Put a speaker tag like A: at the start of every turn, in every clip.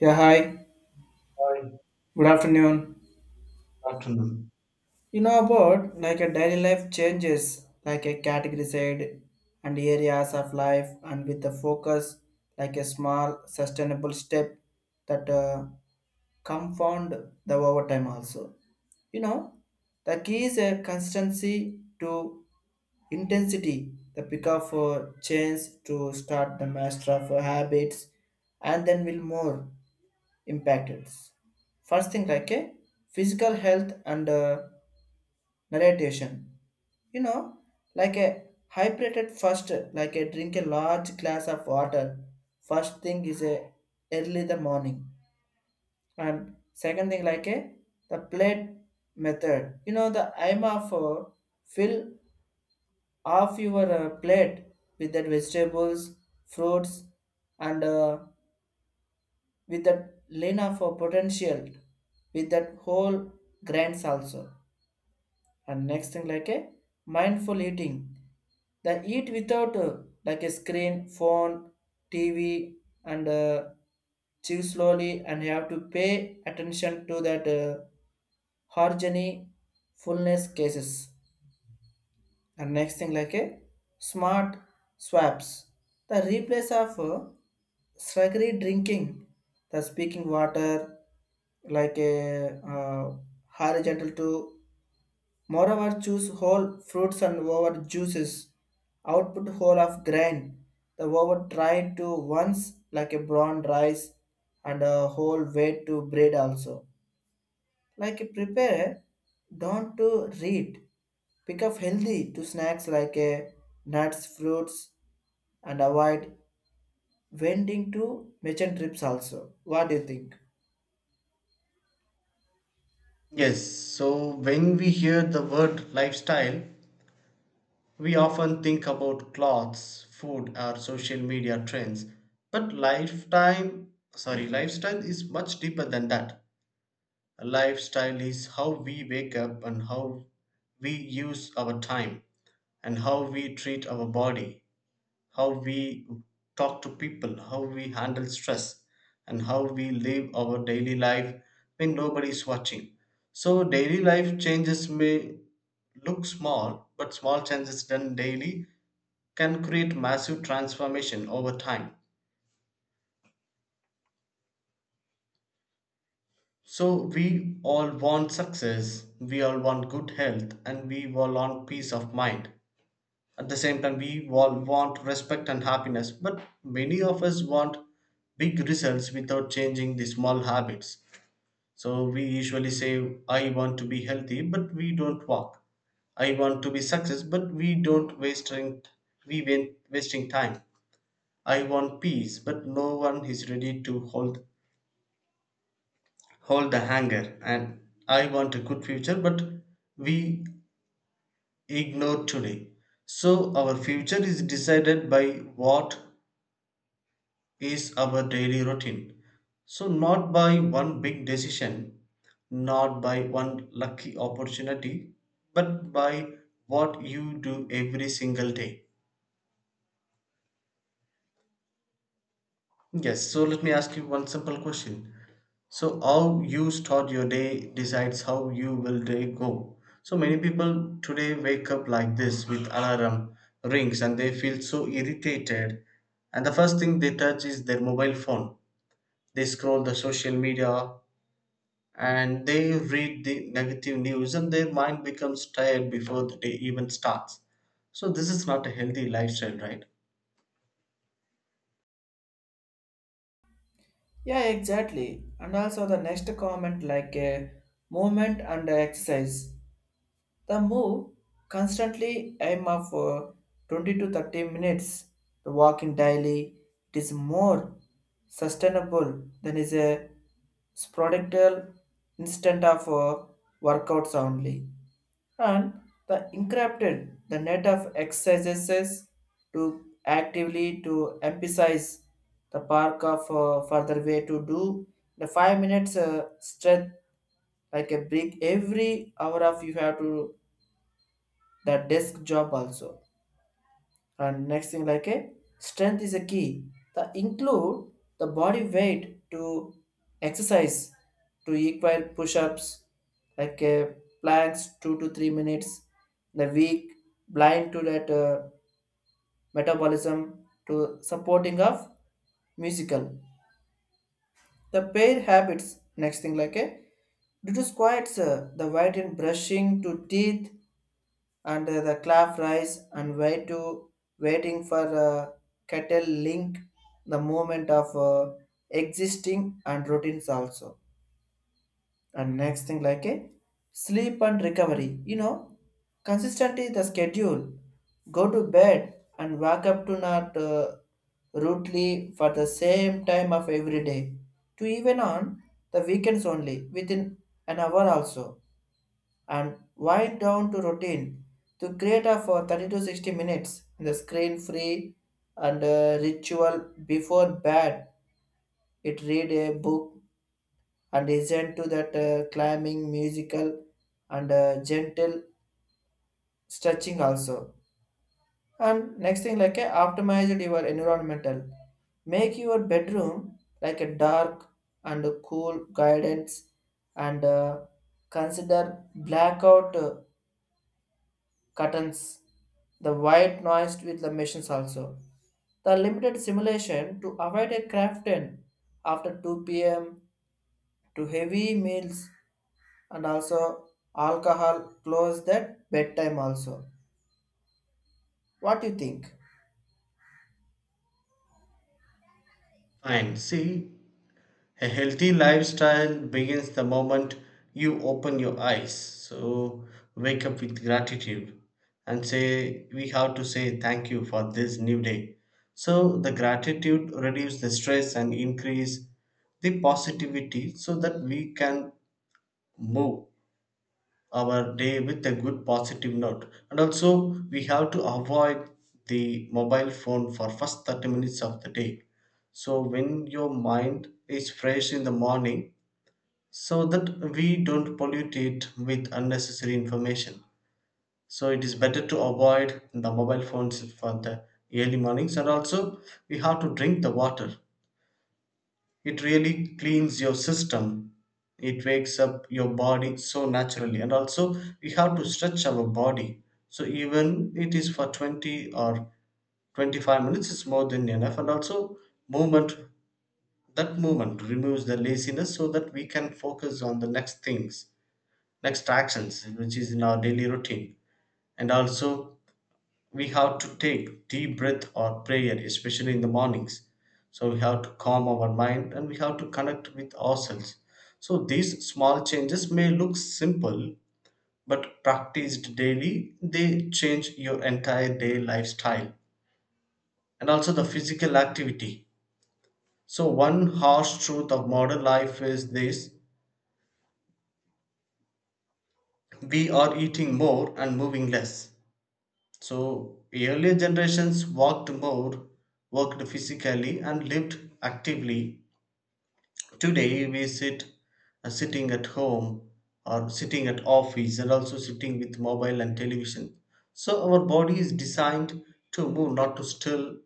A: Yeah, hi.
B: Hi,
A: Good afternoon.
B: afternoon.
A: You know about like a daily life changes, like a category side and areas of life, and with the focus like a small sustainable step that compound the overtime also. You know, the key is a consistency to intensity, the pick up for change to start the master of habits, and then will more, impacts. First thing like a physical health and narration. You know, like a hydrated first, like a drink a large glass of water. First thing is a early the morning, and second thing like a the plate method. You know the aim of fill half your plate with that vegetables, fruits, and with that Lena for potential, with that whole grants also. And next thing like a mindful eating. The eat without like a screen, phone, TV, and chew slowly, and you have to pay attention to that harmony fullness cases. And next thing like a smart swaps, the replace of sluggery drinking the speaking water like a uh, horizontal to moreover choose whole fruits and over juices output whole of grain the over try to once like a brown rice and a whole way to bread also, like prepare don't to read. Pick up healthy to snacks like nuts, fruits, and avoid vending to merchant trips also. What do you think?
B: Yes, so when we hear the word lifestyle, we often think about clothes, food, or social media trends. But lifestyle is much deeper than that. Lifestyle is how we wake up and how we use our time and how we treat our body how we talk to people, how we handle stress, and how we live our daily life when nobody is watching. So, daily life changes may look small, but small changes done daily can create massive transformation over time. So, we all want success, we all want good health, and we all want peace of mind. At the same time, we all want respect and happiness, but many of us want big results without changing the small habits. So we usually say, I want to be healthy, but we don't walk. I want to be success, but we don't wasting we went wasting time. I want peace, but no one is ready to hold the hanger. And I want a good future, but we ignore today. So our future is decided by what is our daily routine. So, not by one big decision, not by one lucky opportunity, but by what you do every single day. Yes, so let me ask you one simple question. So, how you start your day decides how you will day go. So, many people today wake up like this with alarm rings and they feel so irritated. And the first thing they touch is their mobile phone. They scroll the social media and they read the negative news and their mind becomes tired before the day even starts. So, this is not a healthy lifestyle, right?
A: Yeah, exactly. And also the next comment like a movement and exercise. The move constantly aim of 20 to 30 minutes. The walking daily, it is more sustainable than is a spodical instant of workouts only, and the encrypted the net of exercises to actively to emphasize the park of further way to do the 5 minutes stretch like a break every hour of you have to the desk job also. And next thing like a strength is a key, the include the body weight to exercise to equal push-ups, like a planks 2 to 3 minutes the weak blind to that metabolism to supporting of musical the pair habits. Next thing like a due to squats, the white in brushing to teeth, and the calf rise and wait to waiting for cattle link the movement of existing and routines also. And next thing like a sleep and recovery, you know, consistently the schedule, go to bed and wake up to not rudely for the same time of every day, to even on the weekends only within an hour also, and wind down to routine to create a for 30 to 60 minutes in the screen free and ritual before bed, it read a book and listen to that climbing musical and gentle stretching also. And next thing like a optimize your environmental, make your bedroom like a dark and a cool guidance, and consider blackout curtains, the white noise with the machines also. The limited simulation to avoid a craften after 2 p.m. to heavy meals and also alcohol close that bedtime also. What do you think?
B: Fine. See, a healthy lifestyle begins the moment you open your eyes. So, wake up with gratitude and say, we have to say thank you for this new day. So, the gratitude reduces the stress and increase the positivity so that we can move our day with a good positive note, and also we have to avoid the mobile phone for first 30 minutes of the day, so when your mind is fresh in the morning so that we don't pollute it with unnecessary information, so it is better to avoid the mobile phones for the early mornings. And also we have to drink the water, it really cleans your system, it wakes up your body so naturally. And also we have to stretch our body, so even it is for 20 or 25 minutes is more than enough. And also movement, that movement removes the laziness so that we can focus on the next things, next actions which is in our daily routine. And also we have to take deep breath or prayer, especially in the mornings. So we have to calm our mind and we have to connect with ourselves. So these small changes may look simple, but practiced daily, they change your entire day lifestyle and also the physical activity. So, one harsh truth of modern life is this: we are eating more and moving less. So earlier generations walked more, worked physically, and lived actively. Today we sit sitting at home or sitting at office and also sitting with mobile and television. So our body is designed to move, not to still,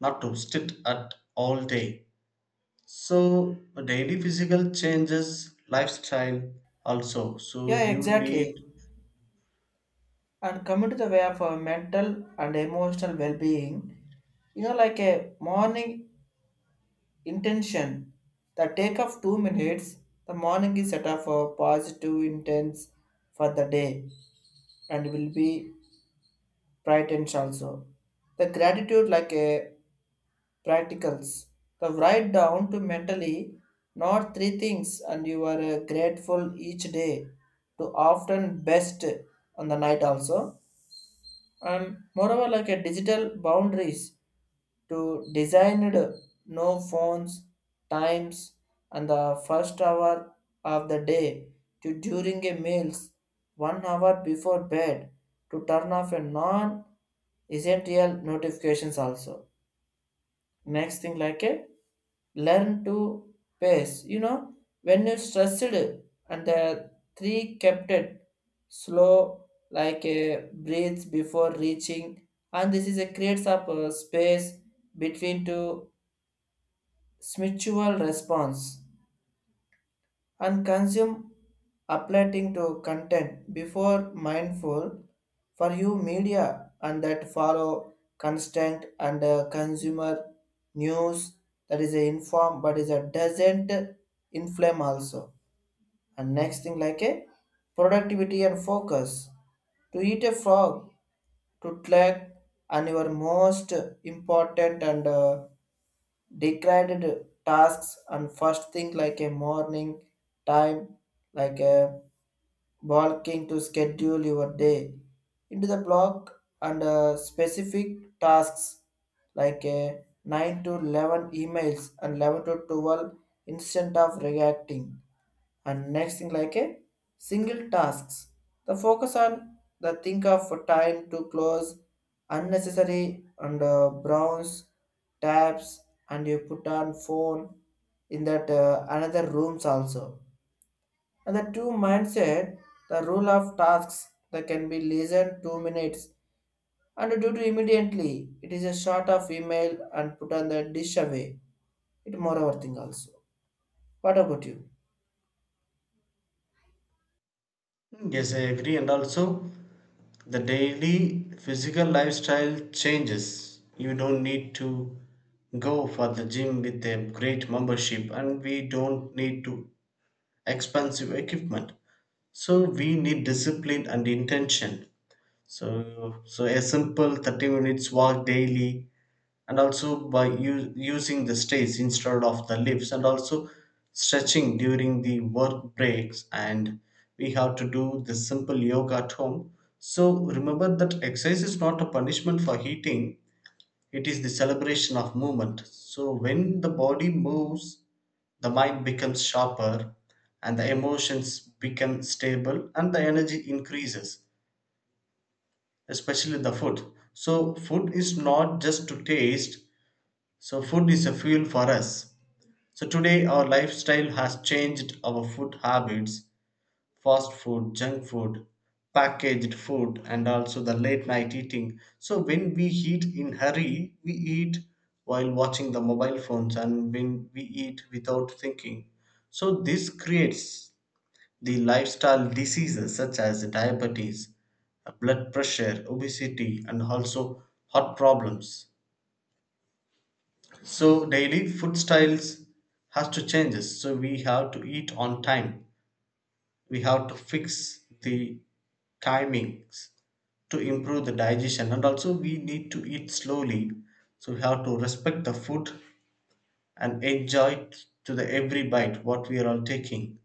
B: not to sit at all day. So daily physical changes lifestyle also. So
A: Yeah,
B: you
A: exactly.
B: need
A: And coming to the way of our mental and emotional well-being, you know, like a morning intention, the take of 2 minutes, the morning is set up for positive intents for the day, and will be brightens also. The gratitude like a practicals, the write down to mentally not three things and you are grateful each day to often best on the night also. And moreover like a digital boundaries to designed no phones times, and the first hour of the day to during a meals, 1 hour before bed to turn off a non essential notifications also. Next thing like a learn to pace, you know, when you stressed and the three kept it slow like a breathes before reaching, and this is a creates up a space between two mutual response, and consume appealing to content before mindful for you media and that follow constant and consumer news that is a inform but is a doesn't inflame also. And next thing like a productivity and focus, to eat a frog to track and your most important and degraded tasks, and first thing like a morning time, like a bulking to schedule your day into the block and specific tasks like a 9 to 11 emails and 11 to 12 instant of reacting. And next thing like a single tasks, the focus on the think of time to close unnecessary and browns tabs, and you put on phone in that another rooms also. And the two mindset, the rule of tasks that can be less than 2 minutes, and due to immediately it is a short of email and put on the dish away it more overthink also. What about you?
B: yes, I agree, and also the daily physical lifestyle changes you don't need to go for the gym with a great membership, and we don't need to expensive equipment, so we need discipline and intention. So a simple 30 minutes walk daily, and also by using the stairs instead of the lifts, and also stretching during the work breaks, and we have to do the simple yoga at home. So remember that exercise is not a punishment for eating, it is the celebration of movement. So when the body moves, the mind becomes sharper and the emotions become stable and the energy increases, especially the food. So food is not just to taste, so food is a fuel for us. So, today our lifestyle has changed our food habits: fast food, junk food, packaged food, and also the late night eating. So, when we eat in hurry, we eat while watching the mobile phones and when we eat without thinking. So, this creates the lifestyle diseases such as diabetes, blood pressure, obesity, and also heart problems. So daily food styles has to changes. So we have to eat on time. We have to fix the timings to improve the digestion, and also we need to eat slowly. So we have to respect the food and enjoy it to the every bite what we are all taking.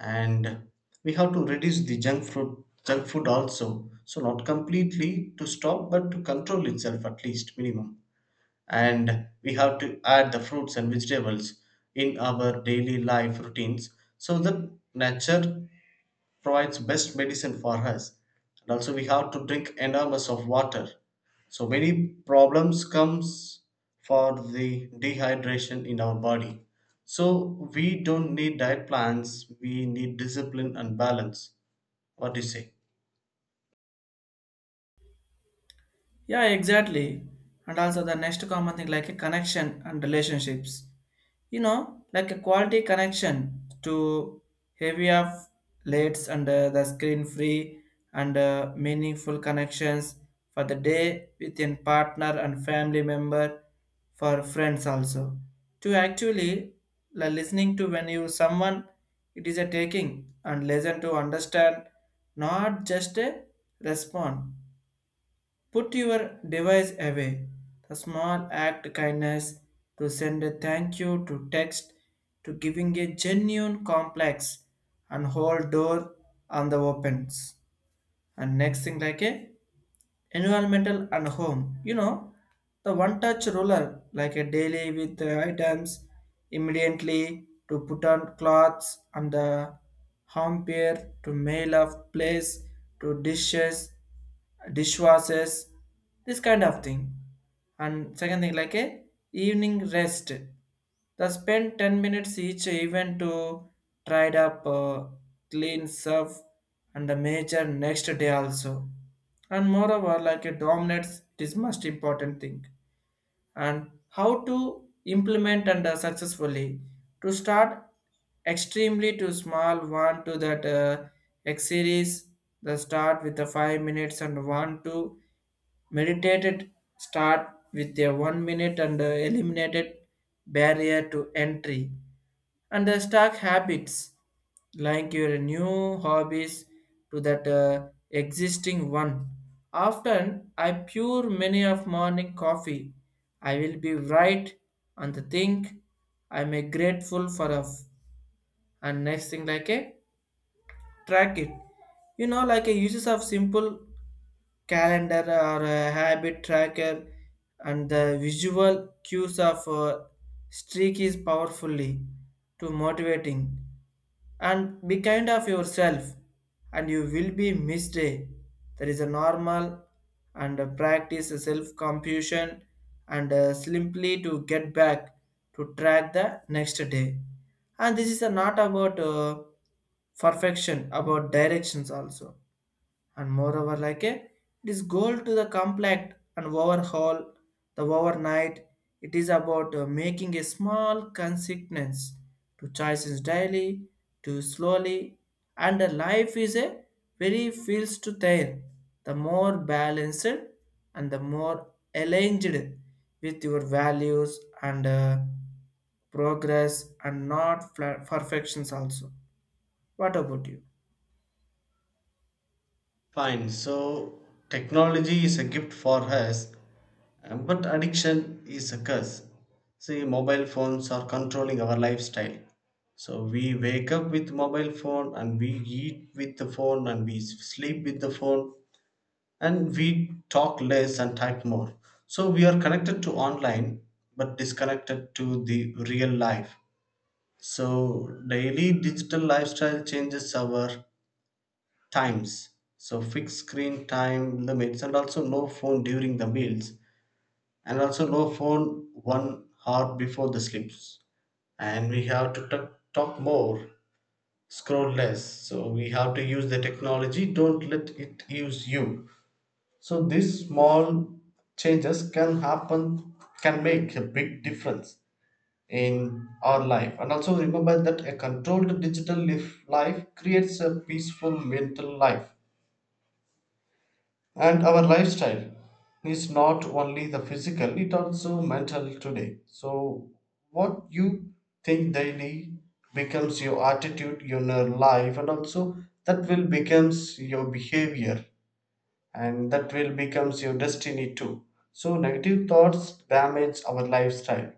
B: And we have to reduce the junk food also. So not completely to stop but to control itself at least minimum, and we have to add the fruits and vegetables in our daily life routines so that nature provides best medicine for us. And also we have to drink enormous of water, so many problems comes for the dehydration in our body. So we don't need diet plans, we need discipline and balance. What do you say?
A: Yeah, exactly. And also the next common thing like a connection and relationships. Like a quality connection to heavy of lights and the screen free and meaningful connections for the day within partner and family member for friends also. To actually like, listening to when you someone, it is a taking and listen to understand, not just a respond. Put your device away. The small act kindness, to send a thank you to text, to giving a genuine complex and whole door on the opens. And next thing like a environmental and home, you know, the one touch roller like a daily with the items, immediately to put on clothes and the home pair to mail of place to dishes dishwashers, this kind of thing. And second thing like a evening rest, they spend 10 minutes each event to tidy up, clean, serve, and the major next day also. And moreover, like it dominates this most important thing. And how to implement and successfully to start extremely to small one to that X series. The start with the 5 minutes and one to Meditated, start with a 1 minute and eliminated barrier to entry, and the stock habits like your new hobbies to that existing one. Often I pour many of morning coffee, I will be right on the think, I'm a grateful for a and next thing like a track it. You know like a uses of simple calendar or a habit tracker, and the visual cues of streak is powerfully to motivating, and be kind of yourself, and you will be missed day, there is a normal and practice self compassion and simply to get back to track the next day, and this is not about perfection about directions also. And moreover like a, it is goal to the complex and overhaul the overnight, it is about making a small consequence to choices daily to slowly, and the life is a very feels to tire, the more balanced and the more aligned with your values and progress, and not perfections also. What about you?
B: Fine. So technology is a gift for us. But addiction is a curse. See, mobile phones are controlling our lifestyle. So we wake up with mobile phone and we eat with the phone and we sleep with the phone and we talk less and type more. So we are connected to online but disconnected to the real life. So daily digital lifestyle changes our times. So fixed screen time limits and also no phone during the meals and also no phone 1 hour before the sleeps, and we have to talk more scroll less. So we have to use the technology, don't let it use you. So these small changes can happen, can make a big difference in our life. And also remember that a controlled digital life creates a peaceful mental life. And our lifestyle is not only the physical, it also mental today. So what you think daily becomes your attitude, your life, and also that will becomes your behavior and that will becomes your destiny too. So negative thoughts damage our lifestyle,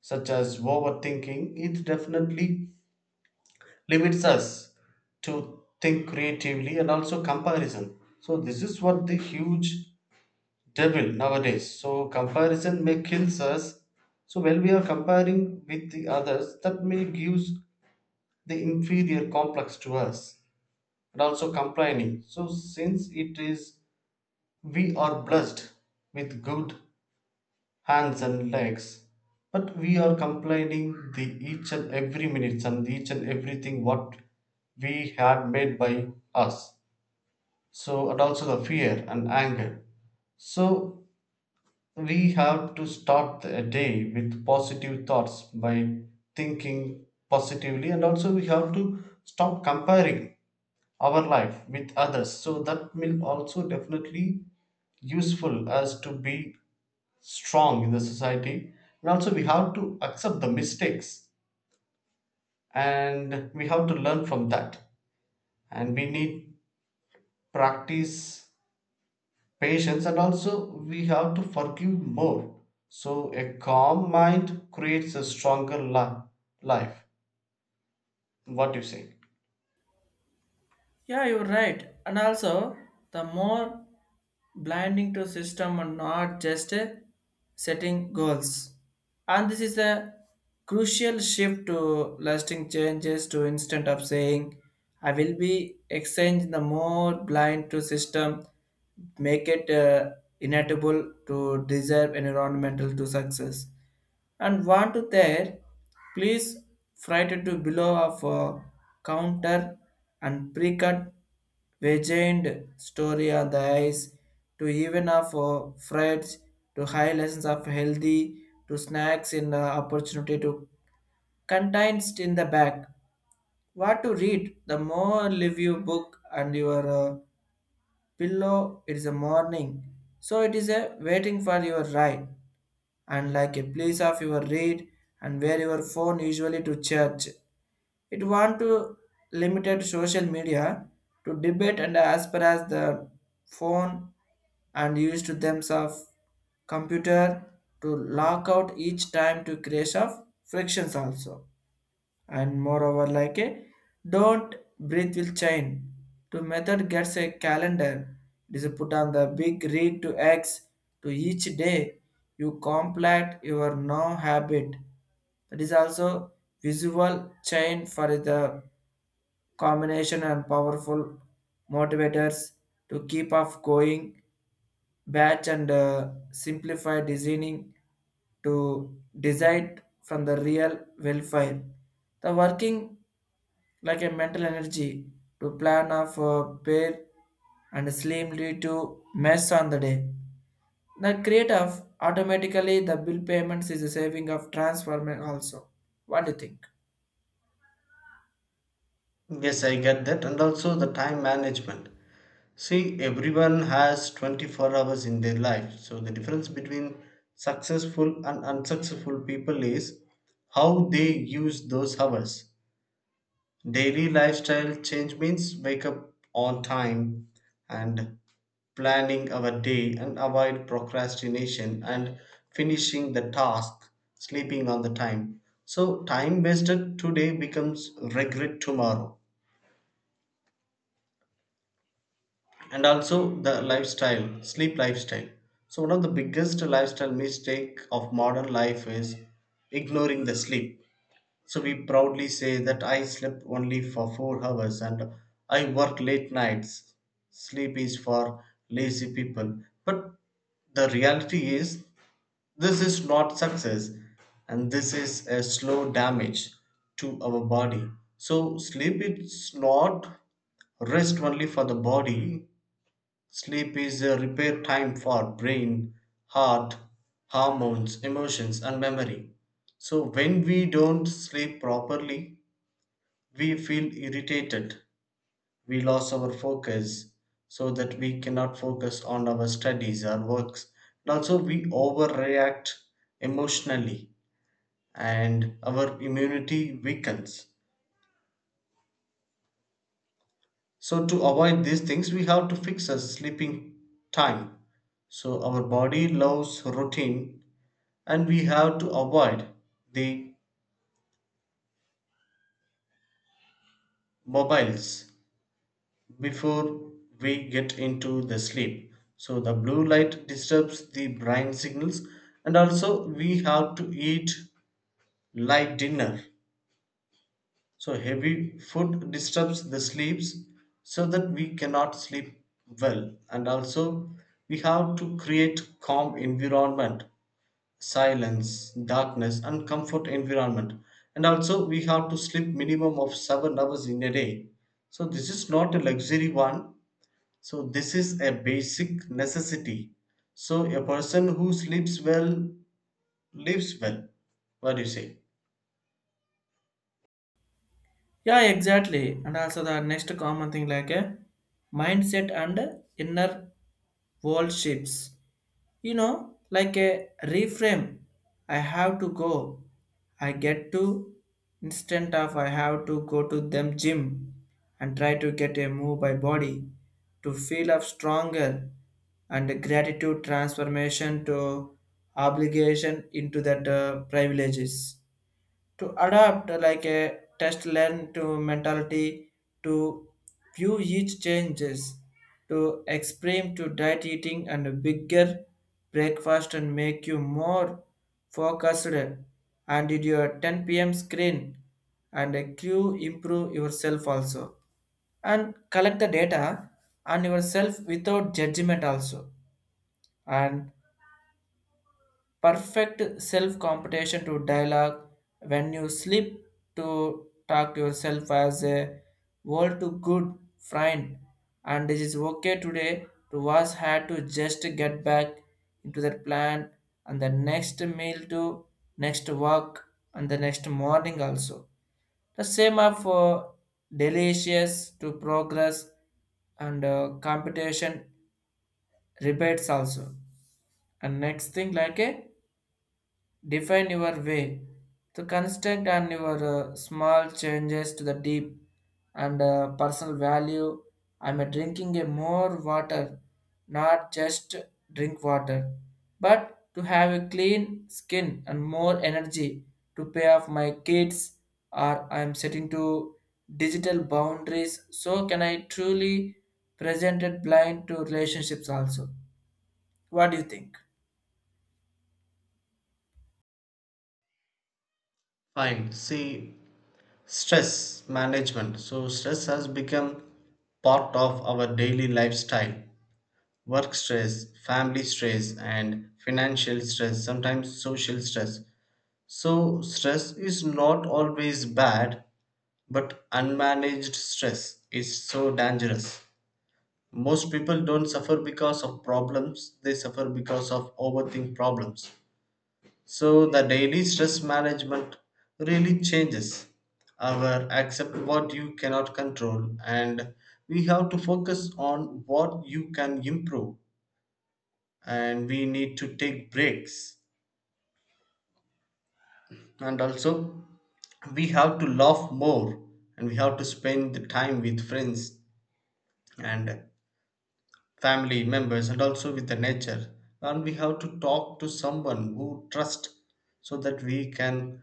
B: such as overthinking. It definitely limits us to think creatively, and also comparison. So this is what the huge devil nowadays. So comparison may kills us. So when we are comparing with the others, that may gives the inferior complex to us, and also complaining. So since it is we are blessed with good hands and legs, but we are complaining the each and every minutes and each and everything what we had made by us. So and also the fear and anger. So we have to start a day with positive thoughts by thinking positively, and also we have to stop comparing our life with others. So that will also definitely useful as to be strong in the society. And also we have to accept the mistakes and we have to learn from that. And we need practice patience and also we have to forgive more. So a calm mind creates a stronger life. What do you say?
A: Yeah, you're right. And also, the more blinding to system and not just setting goals. And this is a crucial shift to lasting changes, to instead of saying, I will be exchange the more blind to system, make it inevitable to deserve environmental to success, and want to there please frighted to below of a counter and pre-cut vagina story on the eyes, to even of frights to high lessons of healthy to snacks in the opportunity to contains in the back, what to read the more leave you book and your pillow, it is a morning, so it is a waiting for your ride, and like a place of your read and where your phone usually to church. It want to limited social media to debate and as per as the phone, and used to thems of computer to lock out each time to create of frictions also. And moreover like a don't breathe will chain to method gets a calendar, it is put on the big read to x to each day you complete your now habit, that is also visual chain for the combination and powerful motivators to keep off going batch, and simplify designing to decide from the real welfare the working like a mental energy to plan of pair and slim lead to mess on the day. The create of automatically the bill payments is a saving of transformer also. What do you think?
B: Yes, I get that. And also the time management. See, everyone has 24 hours in their life. So the difference between successful and unsuccessful people is how they use those hours. Daily lifestyle change means wake up on time and planning our day and avoid procrastination and finishing the task, sleeping on the time. So, time wasted today becomes regret tomorrow. And also the lifestyle, sleep lifestyle. So, one of the biggest lifestyle mistake of modern life is ignoring the sleep. So we proudly say that I slept only for 4 hours and I work late nights. Sleep is for lazy people. But the reality is, this is not success and this is a slow damage to our body. So, sleep is not rest only for the body, sleep is a repair time for brain, heart, hormones, emotions and memory. So when we don't sleep properly, we feel irritated, we lose our focus so that we cannot focus on our studies or works. And also we overreact emotionally and our immunity weakens. So to avoid these things, we have to fix our sleeping time. So our body loves routine and we have to avoid the mobiles before we get into the sleep, so the blue light disturbs the brain signals. And also we have to eat light dinner, so heavy food disturbs the sleeps so that we cannot sleep well. And also we have to create calm environment: silence, darkness, and comfort environment. And also, we have to sleep minimum of 7 hours in a day. So this is not a luxury one. So this is a basic necessity. So a person who sleeps well lives well. What do you say?
A: Yeah, exactly. And also the next common thing like a mindset and inner world shifts. You know, like a reframe, I have to go. I get to, instant of I have to go to them gym, and try to get a move by body to feel of stronger, and gratitude transformation to obligation into that privileges, to adapt like a test learn to mentality to view each changes, to extreme to diet eating and a bigger breakfast and make you more focused and did your 10 p.m. screen and a cue improve yourself also, and collect the data on yourself without judgment also. And perfect self competition to dialogue when you sleep, to talk to yourself as a world to good friend, and it is okay today to was had to just get back into that plan, and the next meal to next work and the next morning also, the same are for delicious to progress and competition rebates also. And next thing like a define your way, the constant and your small changes to the deep and personal value. I'm drinking a more water, not just drink water but to have a clean skin and more energy, to pay off my kids, or I'm setting to digital boundaries, so can I truly present it blind to relationships also. What do you think?
B: Fine. See, stress management. So stress has become part of our daily lifestyle. Work stress, family stress, and financial stress, sometimes social stress. So, stress is not always bad, but unmanaged stress is so dangerous. Most people don't suffer because of problems, they suffer because of overthink problems. So, the daily stress management really changes our accept what you cannot control, and we have to focus on what you can improve, and we need to take breaks. And also we have to laugh more and we have to spend the time with friends and family members and also with the nature, and we have to talk to someone who trust so that we can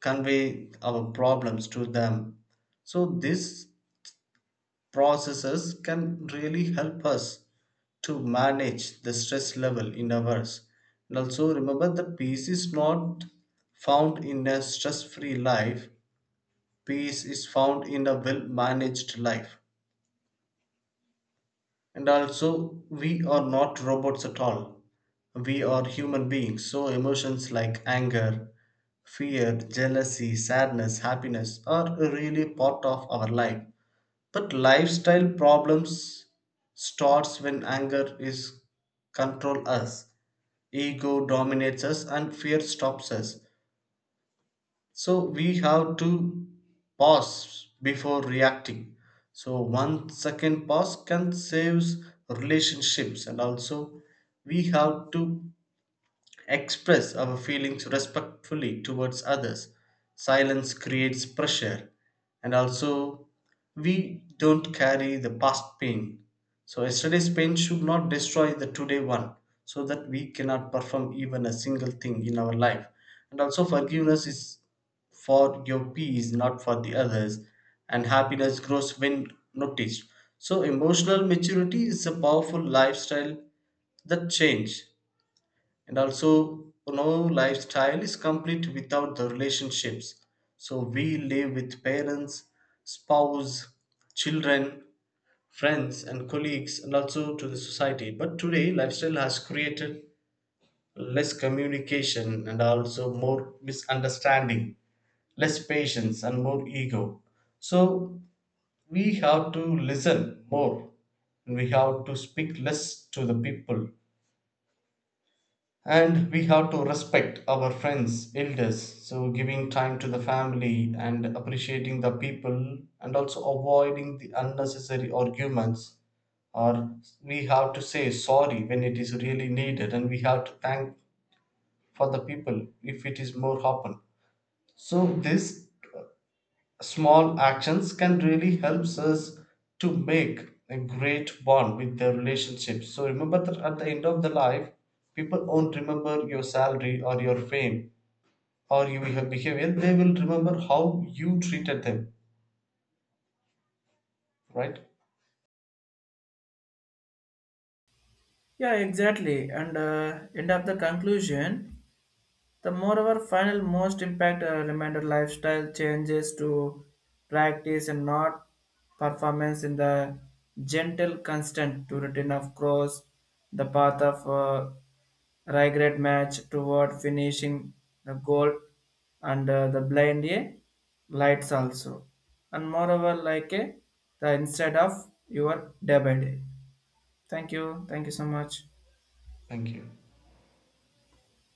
B: convey our problems to them. So these processes can really help us to manage the stress level in ours. And also remember that peace is not found in a stress free life, peace is found in a well managed life. And also, we are not robots at all. We are human beings, so emotions like anger, fear, jealousy, sadness, happiness are really part of our life. But lifestyle problems starts when anger is control us. Ego dominates us and fear stops us. So we have to pause before reacting, so 1 second pause can saves relationships. And also we have to express our feelings respectfully towards others. Silence creates pressure, and also we don't carry the past pain. So, yesterday's pain should not destroy the today one, so that we cannot perform even a single thing in our life. And also, forgiveness is for your peace, not for the others, and happiness grows when noticed. So, emotional maturity is a powerful lifestyle that change. And also no lifestyle is complete without the relationships, so we live with parents, spouse, children, friends and colleagues and also to the society. But today lifestyle has created less communication and also more misunderstanding, less patience and more ego. So we have to listen more and we have to speak less to the people, and we have to respect our friends elders, so giving time to the family and appreciating the people and also avoiding the unnecessary arguments. Or we have to say sorry when it is really needed, and we have to thank for the people if it is more happen. So this small actions can really helps us to make a great bond with their relationship. So remember that at the end of the life, people won't remember your salary or your fame or your behavior, they will remember how you treated them, right?
A: Yeah, exactly. And end up the conclusion, the moreover final most impact reminder lifestyle changes to practice and not performance in the gentle constant to return of cross, the path of regret match toward finishing the goal and the blind a lights also. And moreover like a the instead of your day by day. Thank you, thank you so much.
B: Thank you.